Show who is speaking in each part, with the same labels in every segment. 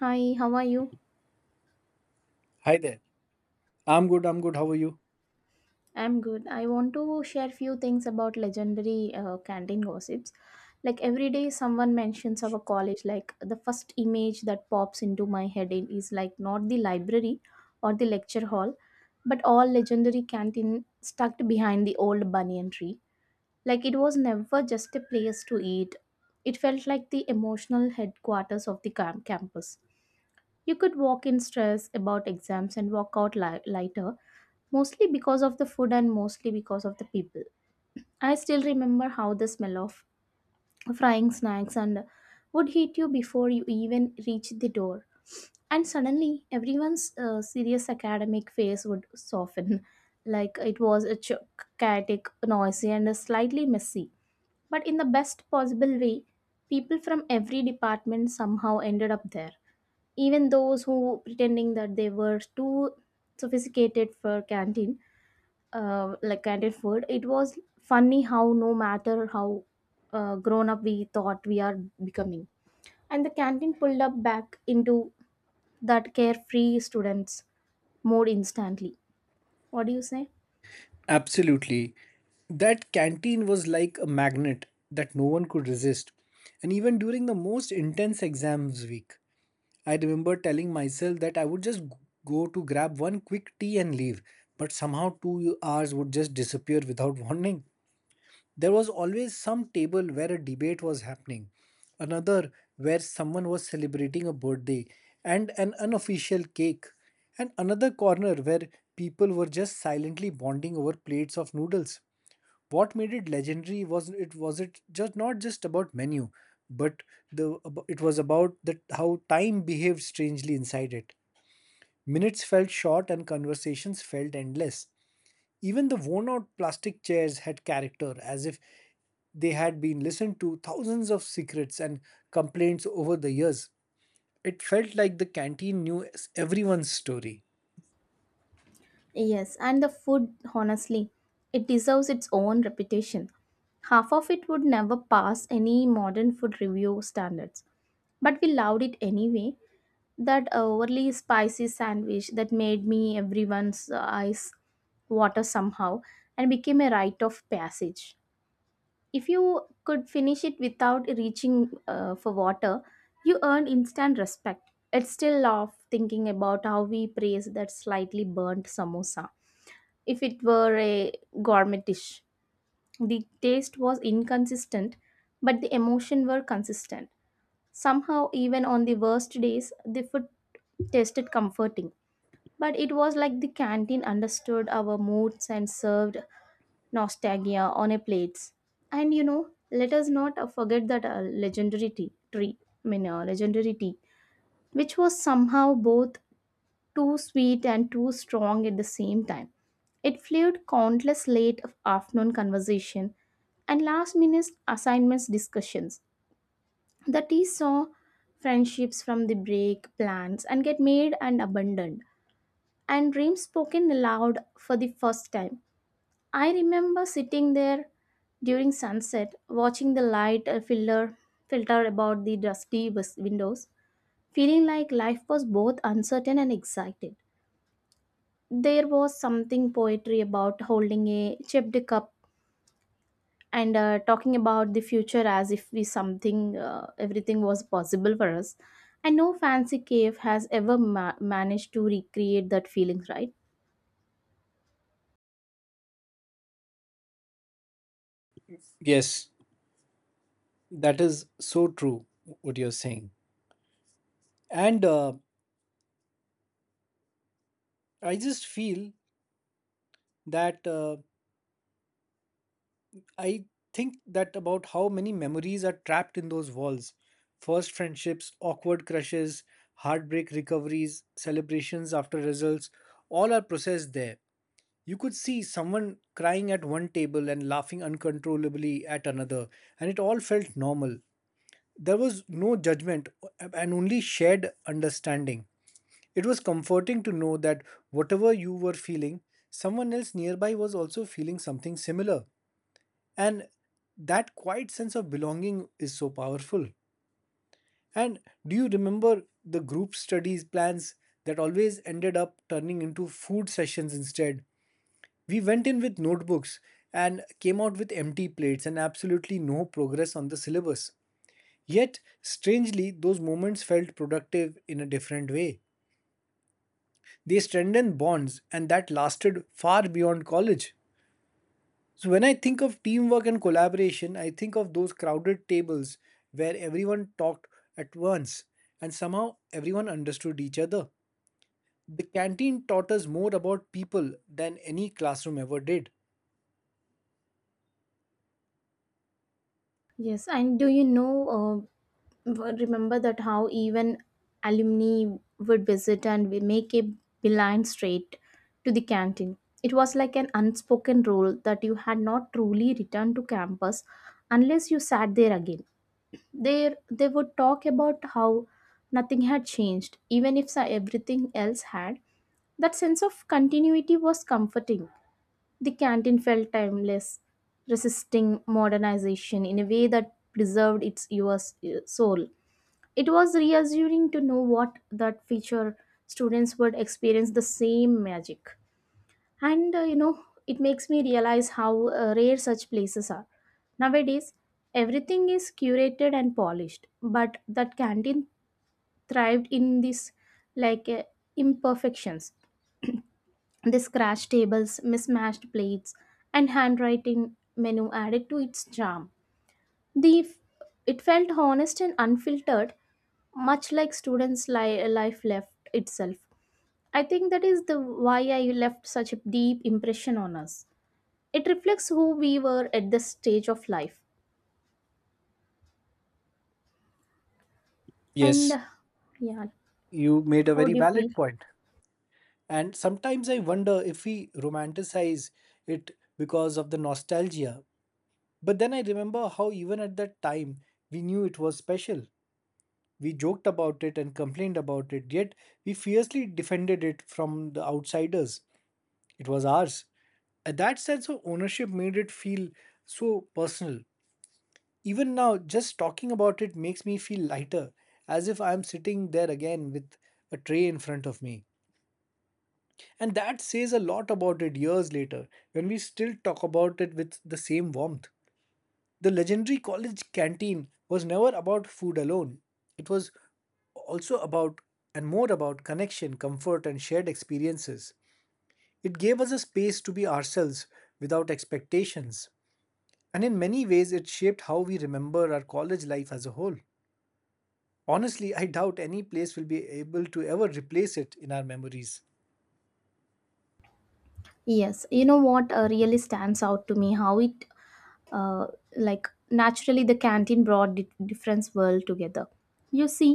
Speaker 1: Hi, how are you?
Speaker 2: Hi there. I'm good, I'm good. How are you?
Speaker 1: I'm good. I want to share few things about legendary canteen gossips. Like every day someone mentions our college, like the first image that pops into my head is like not the library or the lecture hall, but all legendary canteen stuck behind the old banyan tree. Like it was never just a place to eat. It felt like the emotional headquarters of the campus. You could walk in stress about exams and walk out lighter, mostly because of the food and mostly because of the people. I still remember how the smell of frying snacks and would hit you before you even reached the door. And suddenly, everyone's serious academic face would soften, like it was a chaotic, noisy, and slightly messy. But in the best possible way, people from every department somehow ended up there. Even those who pretending that they were too sophisticated for canteen like canteen food, it was funny how no matter how grown up we thought we are becoming, and the canteen pulled up back into that carefree students mode instantly. What do you say?
Speaker 2: Absolutely. That canteen was like a magnet that no one could resist. And even during the most intense exams week, I remember telling myself that I would just go to grab one quick tea and leave. But somehow 2 hours would just disappear without warning. There was always some table where a debate was happening, another where someone was celebrating a birthday and an unofficial cake, and another corner where people were just silently bonding over plates of noodles. What made it legendary was it just not just about menu, but it was about the how time behaved strangely inside it. Minutes felt short and conversations felt endless. Even the worn out plastic chairs had character, as if they had been listened to thousands of secrets and complaints over the years. It felt like the canteen knew everyone's story.
Speaker 1: Yes, and the food honestly, it deserves its own reputation. Half of it would never pass any modern food review standards, but we loved it anyway. That overly spicy sandwich that made me everyone's eyes water somehow and became a rite of passage. If you could finish it without reaching for water, you earned instant respect. It's still laugh thinking about how we praise that slightly burnt samosa. If it were a gourmet dish, the taste was inconsistent, but the emotion were consistent. Somehow, even on the worst days, the food tasted comforting. But it was like the canteen understood our moods and served nostalgia on a plate. And you know, let us not forget that legendary tea, tree, I mean, legendary tea, which was somehow both too sweet and too strong at the same time. It fueled countless late afternoon conversation and last minute assignments discussions. The tea saw friendships from the break, plans, and get made and abandoned, and dreams spoken aloud for the first time. I remember sitting there during sunset, watching the light filter about the dusty windows, feeling like life was both uncertain and excited. There was something poetry about holding a chipped cup and talking about the future as if we something everything was possible for us. And no fancy cave has ever managed to recreate that feeling, right?
Speaker 2: Yes, that is so true, what you're saying. And I just feel that I think that about how many memories are trapped in those walls. First friendships, awkward crushes, heartbreak recoveries, celebrations after results, all are processed there. You could see someone crying at one table and laughing uncontrollably at another, and it all felt normal. There was no judgment and only shared understanding. It was comforting to know that whatever you were feeling, someone else nearby was also feeling something similar. And that quiet sense of belonging is so powerful. And do you remember the group studies plans that always ended up turning into food sessions instead? We went in with notebooks and came out with empty plates and absolutely no progress on the syllabus. Yet, strangely, those moments felt productive in a different way. They strengthened bonds, and that lasted far beyond college. So, when I think of teamwork and collaboration, I think of those crowded tables where everyone talked at once and somehow everyone understood each other. The canteen taught us more about people than any classroom ever did.
Speaker 1: Yes, and do you know, remember that how even alumni would visit and we make a beeline straight to the canteen. It was like an unspoken rule that you had not truly returned to campus unless you sat there again. There, they would talk about how nothing had changed, even if everything else had. That sense of continuity was comforting. The canteen felt timeless, resisting modernization in a way that preserved its US soul. It was reassuring to know what that future students would experience the same magic. And you know, it makes me realize how rare such places are. Nowadays, everything is curated and polished, but that canteen thrived in this, like, imperfections. The scratched tables, mismatched plates, and handwriting menu added to its charm. The it felt honest and unfiltered, much like students' life left itself. I think that is the why I left such a deep impression on us. It reflects who we were at this stage of life. And
Speaker 2: Yes,
Speaker 1: yeah,
Speaker 2: you made a
Speaker 1: how
Speaker 2: very
Speaker 1: do you feel?
Speaker 2: valid point. And sometimes I wonder if we romanticize it because of the nostalgia. But then I remember how, even at that time, we knew it was special. We joked about it and complained about it, yet we fiercely defended it from the outsiders. It was ours. That sense of ownership made it feel so personal. Even now, just talking about it makes me feel lighter, as if I'm sitting there again with a tray in front of me. And that says a lot about it years later, when we still talk about it with the same warmth. The legendary college canteen was never about food alone, it was also about and more about connection, comfort, and shared experiences. It gave us a space to be ourselves without expectations. And in many ways, it shaped how we remember our college life as a whole. Honestly, I doubt any place will be able to ever replace it in our memories.
Speaker 1: Yes, you know what really stands out to me how it uh, like naturally the canteen brought different world together, you see,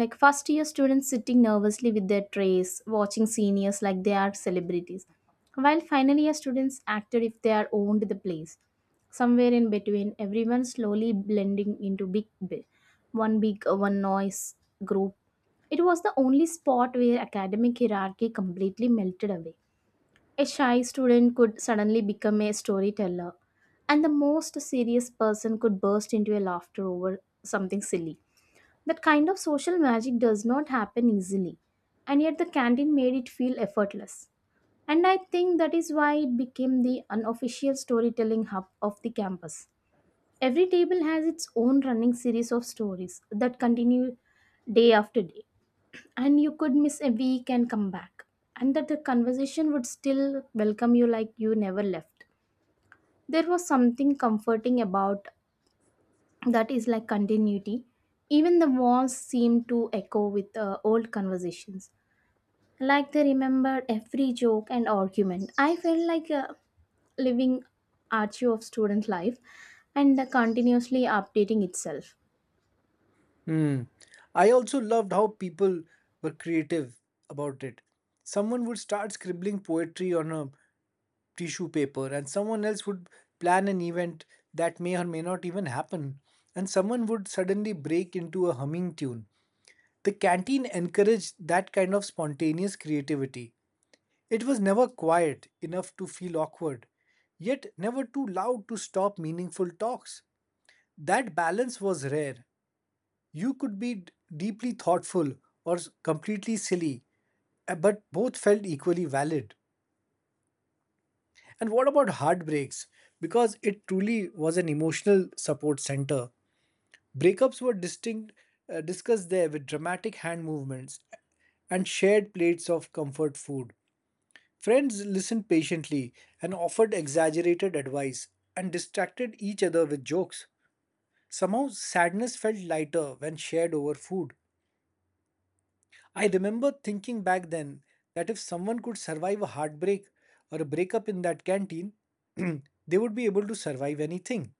Speaker 1: like first year students sitting nervously with their trays watching seniors like they are celebrities, while final year students acted if they are owned the place, somewhere in between everyone slowly blending into one big one noise group. It was the only spot where academic hierarchy completely melted away. A shy student could suddenly become a storyteller, and the most serious person could burst into a laughter over something silly. That kind of social magic does not happen easily, and yet the canteen made it feel effortless. And I think that is why it became the unofficial storytelling hub of the campus. Every table has its own running series of stories that continue day after day, and you could miss a week and come back, and that the conversation would still welcome you like you never left. There was something comforting about that, is like continuity. Even the walls seemed to echo with old conversations, like they remembered every joke and argument. I felt like a living archive of student life and continuously updating itself.
Speaker 2: Hmm. I also loved how people were creative about it. Someone would start scribbling poetry on a tissue paper, and someone else would plan an event that may or may not even happen, and someone would suddenly break into a humming tune. The canteen encouraged that kind of spontaneous creativity. It was never quiet enough to feel awkward, yet never too loud to stop meaningful talks. That balance was rare you could be deeply thoughtful or completely silly, but both felt equally valid. And what about heartbreaks? Because it truly was an emotional support center. Breakups were distinct, discussed there with dramatic hand movements and shared plates of comfort food. Friends listened patiently and offered exaggerated advice and distracted each other with jokes. Somehow, sadness felt lighter when shared over food. I remember thinking back then that if someone could survive a heartbreak or a breakup in that canteen, they would be able to survive anything.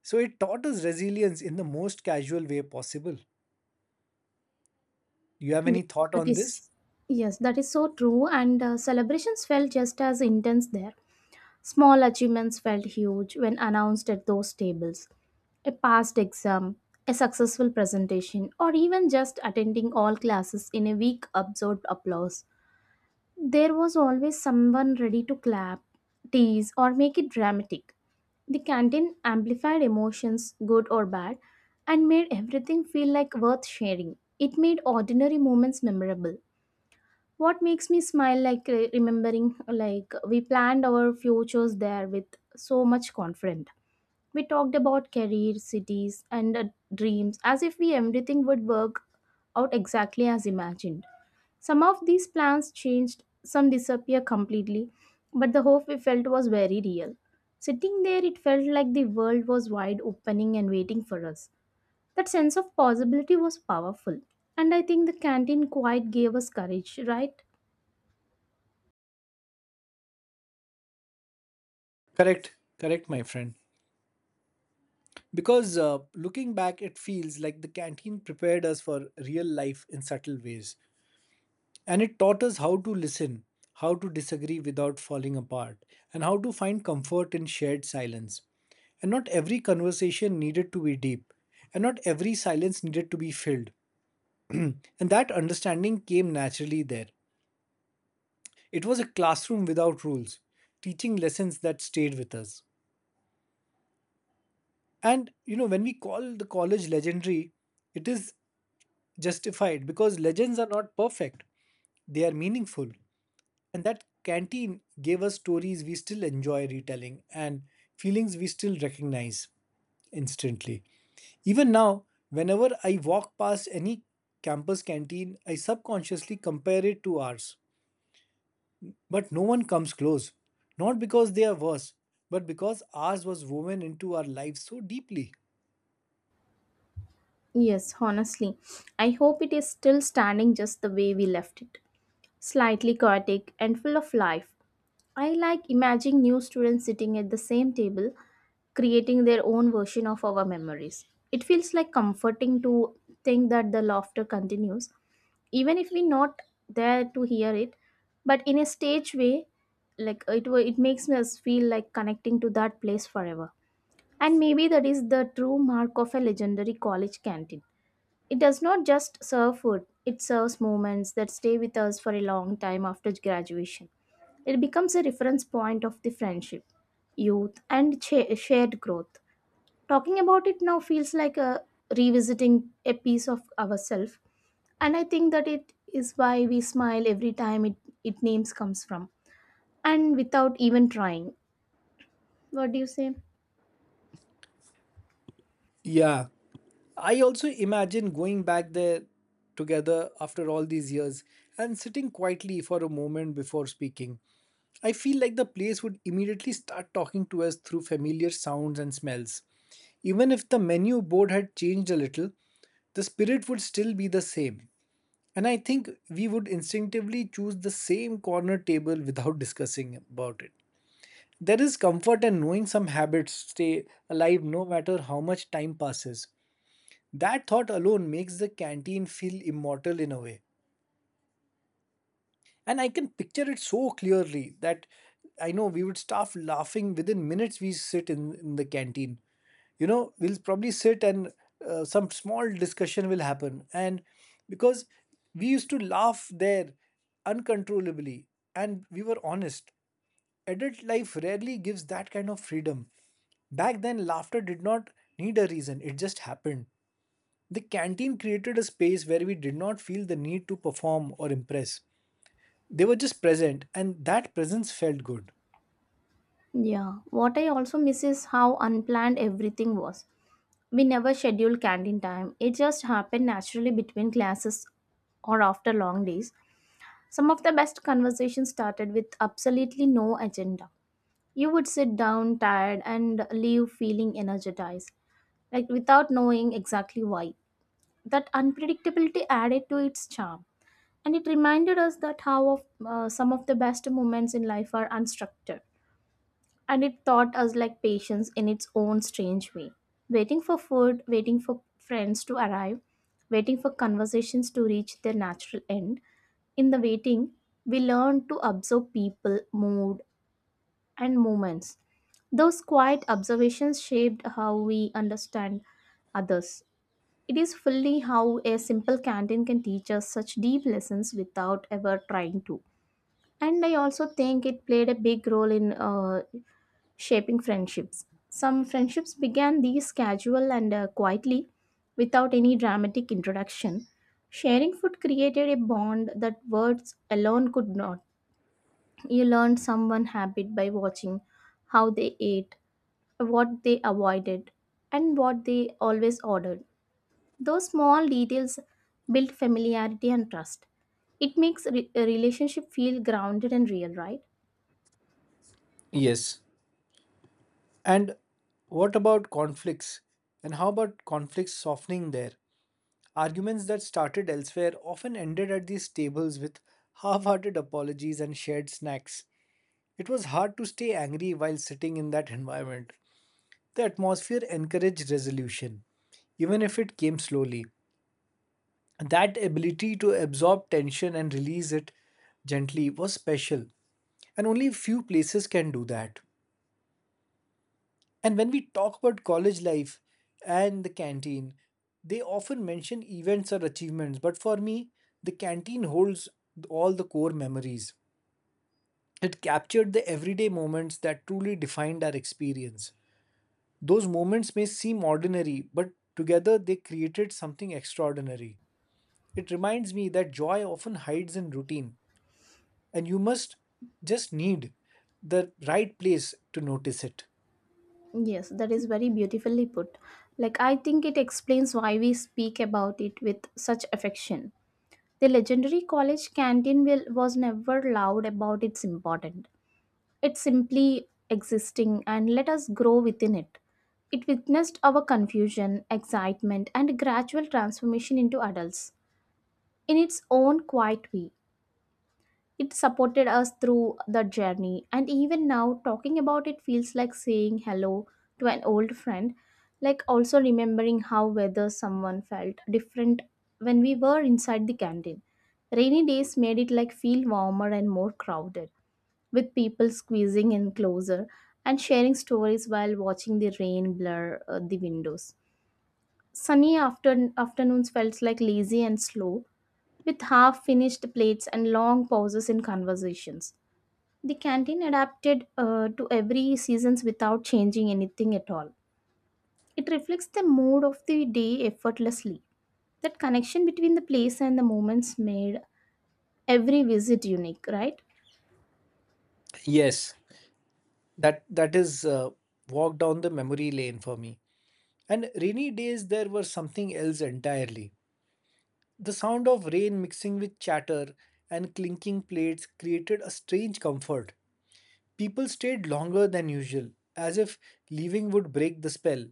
Speaker 2: So it taught us resilience in the most casual way possible. You have
Speaker 1: Yes,
Speaker 2: any thought
Speaker 1: that
Speaker 2: on this?
Speaker 1: is yes, that is so true, and celebrations felt just as intense there. Small achievements felt huge when announced at those tables. A passed exam, a successful presentation, or even just attending all classes in a week absorbed applause. There was always someone ready to clap, tease, or make it dramatic. The canteen amplified emotions, good or bad, and made everything feel like worth sharing. It made ordinary moments memorable. What makes me smile like remembering like we planned our futures there with so much confidence. We talked about career cities and dreams as if we everything would work out exactly as imagined. Some of these plans changed, some disappear completely, but the hope we felt was very real. Sitting there, it felt like the world was wide opening and waiting for us. That sense of possibility was powerful, and I think the canteen quite gave us courage, right?
Speaker 2: Correct, correct, my friend. Because looking back, it feels like the canteen prepared us for real life in subtle ways. And it taught us how to listen, how to disagree without falling apart, and how to find comfort in shared silence. And not every conversation needed to be deep, and not every silence needed to be filled. And that understanding came naturally there. It was a classroom without rules, teaching lessons that stayed with us. And you know, when we call the college legendary, it is justified because legends are not perfect, they are meaningful. And that canteen gave us stories we still enjoy retelling and feelings we still recognize instantly. Even now, whenever I walk past any campus canteen, I subconsciously compare it to ours. But no one comes close. Not because they are worse, but because ours was woven into our lives so deeply.
Speaker 1: Yes, honestly, I hope it is still standing just the way we left it, slightly chaotic and full of life. I like imagining new students sitting at the same table, creating their own version of our memories. It feels like comforting to think that the laughter continues, even if we're not there to hear it, but in a stage way, like it makes us feel like connecting to that place forever. And maybe that is the true mark of a legendary college canteen. It does not just serve food, it serves moments that stay with us for a long time after graduation. It becomes a reference point of the friendship, youth, and shared growth. Talking about it now feels like a revisiting a piece of ourselves, and I think that it is why we smile every time it names comes from, and without even trying. What do you say?
Speaker 2: Yeah. I also imagine going back there together after all these years and sitting quietly for a moment before speaking. I feel like the place would immediately start talking to us through familiar sounds and smells. Even if the menu board had changed a little, the spirit would still be the same. And I think we would instinctively choose the same corner table without discussing about it. There is comfort in knowing some habits stay alive no matter how much time passes. That thought alone makes the canteen feel immortal in a way. And I can picture it so clearly that I know we would start laughing within minutes we sit in the canteen. You know, we'll probably sit and some small discussion will happen. And because we used to laugh there uncontrollably and we were honest, adult life rarely gives that kind of freedom. Back then, laughter did not need a reason, it just happened. The canteen created a space where we did not feel the need to perform or impress. They were just present, and that presence felt good.
Speaker 1: Yeah, what I also miss is how unplanned everything was. We never schedule canteen time. It just happened naturally between classes or after long days. Some of the best conversations started with absolutely no agenda. You would sit down tired and leave feeling energized, like without knowing exactly why. That unpredictability added to its charm. And it reminded us that how of, some of the best moments in life are unstructured, and it taught us like patience in its own strange way. Waiting for food, waiting for friends to arrive, waiting for conversations to reach their natural end. In the waiting, we learn to observe people mood and moments. Those quiet observations shaped how we understand others. It is fully how a simple canteen can teach us such deep lessons without ever trying to. And I also think it played a big role in shaping friendships. Some friendships began these casual and quietly, without any dramatic introduction. Sharing food created a bond that words alone could not. You learned someone habit by watching how they ate, what they avoided, and what they always ordered. Those small details build familiarity and trust. It makes a relationship feel grounded and real, right?
Speaker 2: Yes. And what about conflicts? And how about conflicts softening there? Arguments that started elsewhere often ended at these tables with half hearted apologies and shared snacks. It was hard to stay angry while sitting in that environment. The atmosphere encouraged resolution, even if it came slowly. That ability to absorb tension and release it gently was special, and only few places can do that. And when we talk about college life and the canteen, they often mention events or achievements, but for me, the canteen holds all the core memories. It captured the everyday moments that truly defined our experience. Those moments may seem ordinary, but together they created something extraordinary. It reminds me that joy often hides in routine, and you must just need the right place to notice it.
Speaker 1: Yes, that is very beautifully put. Like, I think it explains why we speak about it with such affection. The legendary college canteen will, was never loud about its importance. It's simply existing and let us grow within it. It witnessed our confusion, excitement, and gradual transformation into adults in its own quiet way. It supported us through the journey, and even now, talking about it feels like saying hello to an old friend, like also remembering how whether someone felt different when we were inside the canteen. Rainy days made it like feel warmer and more crowded, with people squeezing in closer and sharing stories while watching the rain blur the windows. Afternoons felt like lazy and slow, with half finished plates and long pauses in conversations. The canteen adapted to every seasons without changing anything at all. It reflects the mood of the day effortlessly. That connection between the place and the moments made every visit unique, right?
Speaker 2: Yes, that is walk down the memory lane for me. And rainy days there were something else entirely. The sound of rain mixing with chatter and clinking plates created a strange comfort. People stayed longer than usual, as if leaving would break the spell.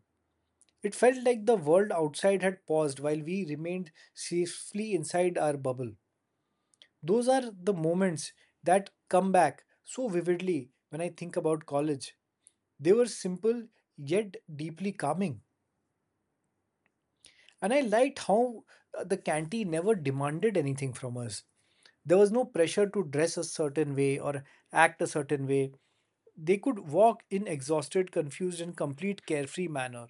Speaker 2: It felt like the world outside had paused while we remained safely inside our bubble. Those are the moments that come back so vividly when I think about college. They were simple yet deeply calming. And I liked how the canteen never demanded anything from us. There was no pressure to dress a certain way or act a certain way. They could walk in exhausted, confused, and complete carefree manner.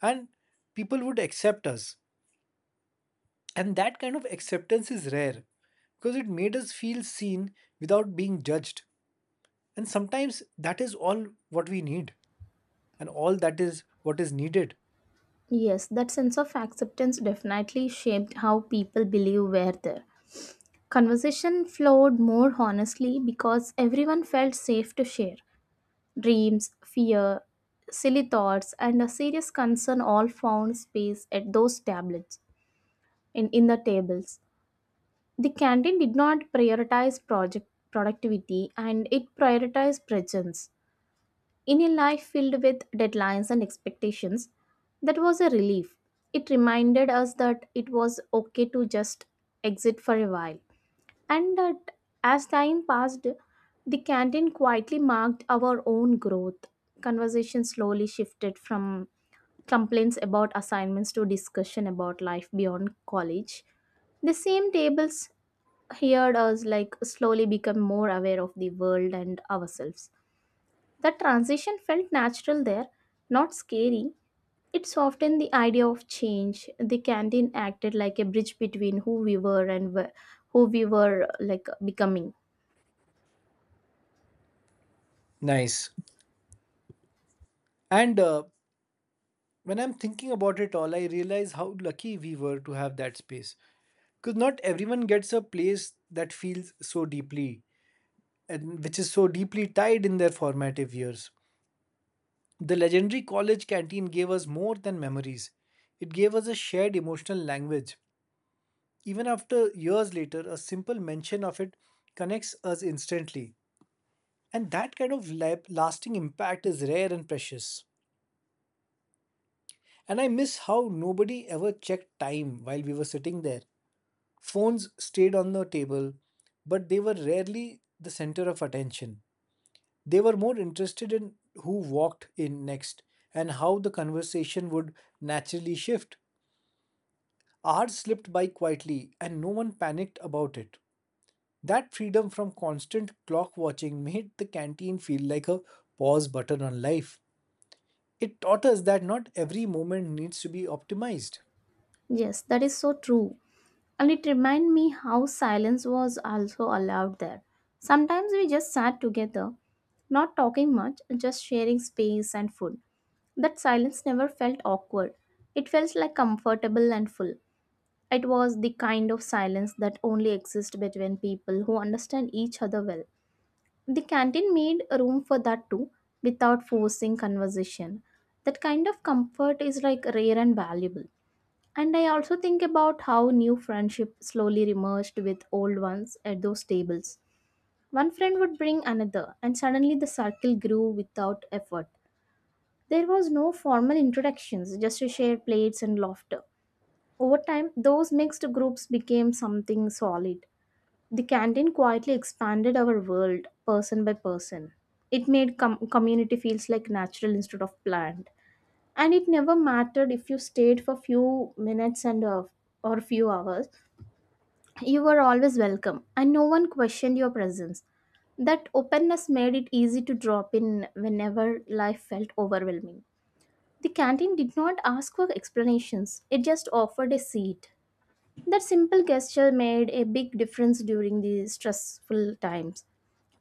Speaker 2: And people would accept us. And that kind of acceptance is rare because it made us feel seen without being judged. And sometimes that is all what we need, and all that is what is needed.
Speaker 1: Yes, that sense of acceptance definitely shaped how people believe were there. Conversation flowed more honestly because everyone felt safe to share. Dreams, fear, silly thoughts, and a serious concern all found space at those tablets. In the tables. The canteen did not prioritize project productivity and it prioritized presence. In a life filled with deadlines and expectations, that was a relief. It reminded us that it was okay to just exit for a while. And that as time passed, the canteen quietly marked our own growth. Conversation slowly shifted from complaints about assignments to discussion about life beyond college. The same tables heard us like slowly become more aware of the world and ourselves. The transition felt natural there, not scary, it's often the idea of change. The canteen acted like a bridge between who we were and who we were like becoming.
Speaker 2: Nice. And When I'm thinking about it all, I realize how lucky we were to have that space. Because not everyone gets a place that feels so deeply, and which is so deeply tied in their formative years. The legendary college canteen gave us more than memories, it gave us a shared emotional language. Even after years later, a simple mention of it connects us instantly. And that kind of lasting impact is rare and precious. And I miss how nobody ever checked time while we were sitting there. Phones stayed on the table, but they were rarely the center of attention. They were more interested in who walked in next and how the conversation would naturally shift. Hours slipped by quietly, and no one panicked about it. That freedom from constant clock watching made the canteen feel like a pause button on life. It taught us that not every moment needs to be optimized.
Speaker 1: Yes, that is so true. And it reminded me how silence was also allowed there. Sometimes we just sat together, not talking much, just sharing space and food. That silence never felt awkward. It felt like comfortable and full. It was the kind of silence that only exists between people who understand each other well. The canteen made room for that too, without forcing conversation. That kind of comfort is like rare and valuable. And I also think about how new friendship slowly emerged with old ones at those tables. One friend would bring another, and suddenly the circle grew without effort. There was no formal introductions, just a shared plates and laughter. Over time, those mixed groups became something solid. The canteen quietly expanded our world person by person. It made community feels like natural instead of planned. And it never mattered if you stayed for few minutes and or few hours. You were always welcome and no one questioned your presence. That openness made it easy to drop in whenever life felt overwhelming. The canteen did not ask for explanations, it just offered a seat. That simple gesture made a big difference during the stressful times.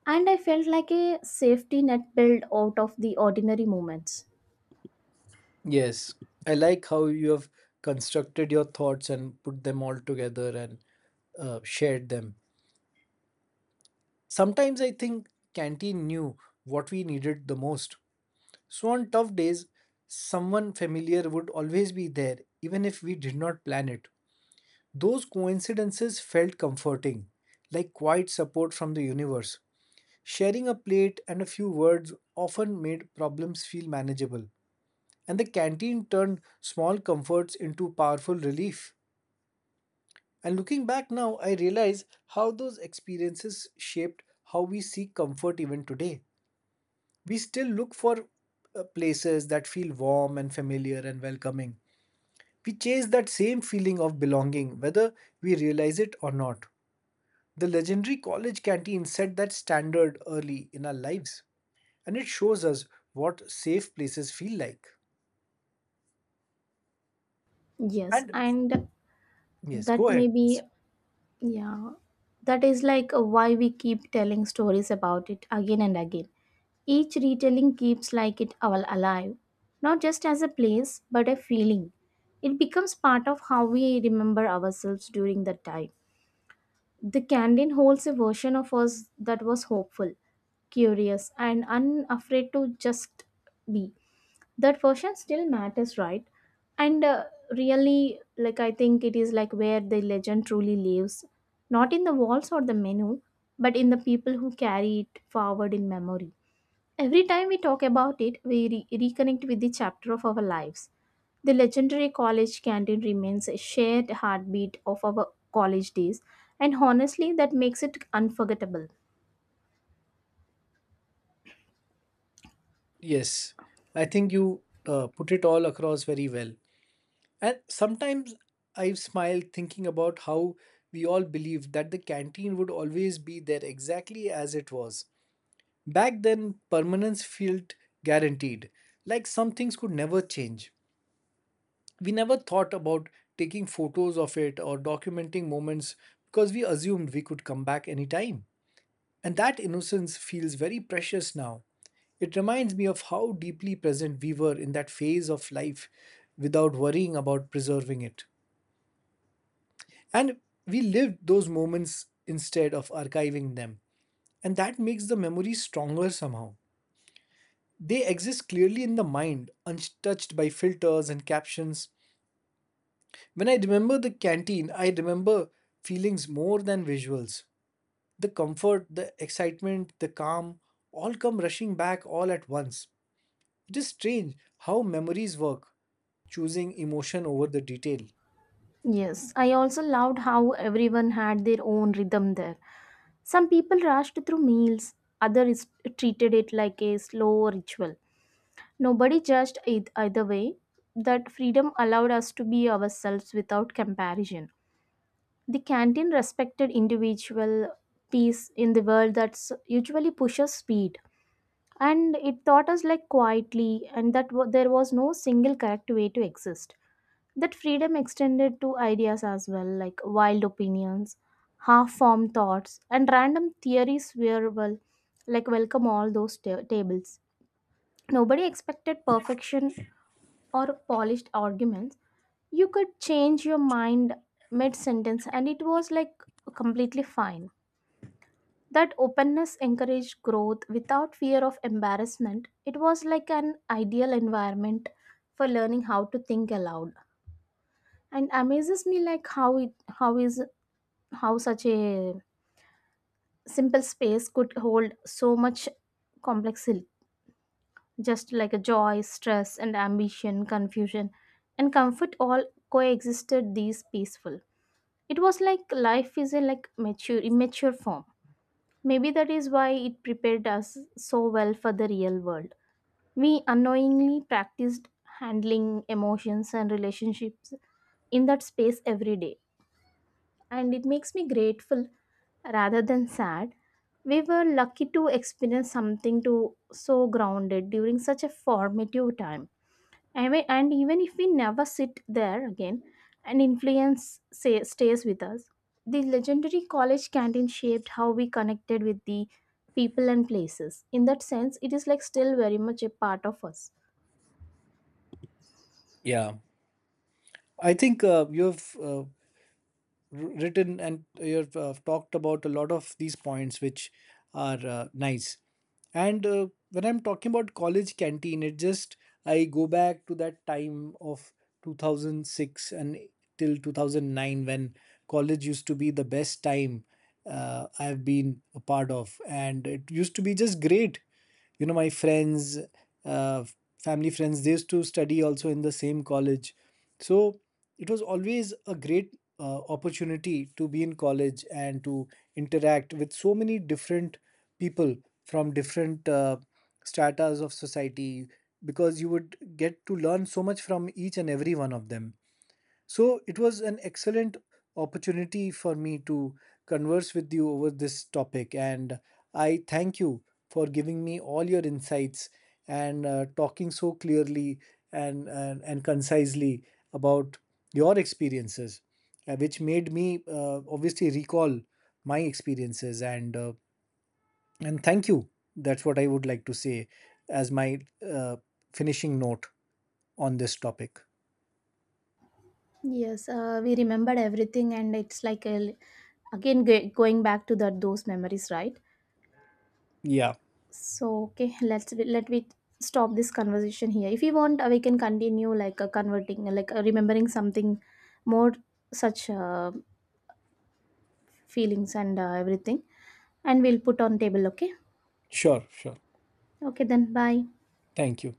Speaker 1: And I felt like a safety net built out of the ordinary moments.
Speaker 2: Yes, I like how you have constructed your thoughts and put them all together and shared them. Sometimes I think canteen knew what we needed the most. So on tough days, someone familiar would always be there, even if we did not plan it. Those coincidences felt comforting, like quiet support from the universe. Sharing a plate and a few words often made problems feel manageable. And the canteen turned small comforts into powerful relief. And looking back now, I realize how those experiences shaped how we seek comfort even today. We still look for places that feel warm and familiar and welcoming. We chase that same feeling of belonging, whether we realize it or not. The legendary college canteen set that standard early in our lives, and it shows us what safe places feel like.
Speaker 1: Yes,
Speaker 2: And
Speaker 1: and
Speaker 2: yes,
Speaker 1: that
Speaker 2: go
Speaker 1: may
Speaker 2: ahead,
Speaker 1: be,
Speaker 2: please.
Speaker 1: yeah, that is like why we keep telling stories about it again and again. Each retelling keeps like it all alive, not just as a place, but a feeling. It becomes part of how we remember ourselves during that time. The canteen holds a version of us that was hopeful, curious, and unafraid to just be. That version still matters, right? And really, like, I think it is like where the legend truly lives, not in the walls or the menu, but in the people who carry it forward in memory. Every time we talk about it, we reconnect with the chapter of our lives. The legendary college canteen remains a shared heartbeat of our college days, and honestly that makes it unforgettable.
Speaker 2: Yes, I think you put it all across very well. And sometimes I've smiled thinking about how we all believed that the canteen would always be there exactly as it was. Back then, permanence felt guaranteed, like some things could never change. We never thought about taking photos of it or documenting moments because we assumed we could come back anytime. And that innocence feels very precious now. It reminds me of how deeply present we were in that phase of life without worrying about preserving it. And we lived those moments instead of archiving them. And that makes the memories stronger somehow. They exist clearly in the mind, untouched by filters and captions. When I remember the canteen, I remember feelings more than visuals. The comfort, the excitement, the calm all come rushing back all at once. It is strange how memories work, choosing emotion over the detail.
Speaker 1: Yes, I also loved how everyone had their own rhythm there. Some people rushed through meals, others treated it like a slow ritual. Nobody judged it either way. That freedom allowed us to be ourselves without comparison. The canteen respected individual peace in the world that usually pushes speed. And it taught us like quietly and that there was no single correct way to exist. That freedom extended to ideas as well, like wild opinions, half formed thoughts, and random theories were well, like welcome all those tables. Nobody expected perfection or polished arguments. You could change your mind mid sentence, and it was like completely fine. That openness encouraged growth without fear of embarrassment. It was like an ideal environment for learning how to think aloud. And amazes me like how it how is how such a simple space could hold so much complexity, just like a joy, stress and ambition, confusion and comfort all coexisted these peaceful. It was like life is a like mature immature form. Maybe that is why it prepared us so well for the real world. We unknowingly practiced handling emotions and relationships in that space every day, and it makes me grateful rather than sad. We were lucky to experience something to so grounded during such a formative time. I mean, and even if we never sit there again, an influence say, stays with us. The legendary college canteen shaped how we connected with the people and places. In that sense, it is like still very much a part of us.
Speaker 2: Yeah. I think you have written and you've talked about a lot of these points which are nice. And uh, when I'm talking about college canteen, it just, I go back to that time of 2006 and till 2009, when college used to be the best time I've been a part of, and it used to be just great. You know, my friends, uh, family friends, they used to study also in the same college. So it was always a great opportunity to be in college and to interact with so many different people from different stratas of society, because you would get to learn so much from each and every one of them. So it was an excellent opportunity for me to converse with you over this topic, and I thank you for giving me all your insights and talking so clearly and concisely about your experiences, which made me obviously recall my experiences and thank you. That's what I would like to say as my uh, finishing note on this topic.
Speaker 1: Yes, we remembered everything, and it's like a, again going back to that those memories, right?
Speaker 2: Yeah,
Speaker 1: So okay, let's let we stop this conversation here. If you want, we can continue like converting, like remembering something more such feelings and everything, and we'll put on table. Okay,
Speaker 2: sure, sure.
Speaker 1: okay then. Bye.
Speaker 2: Thank you.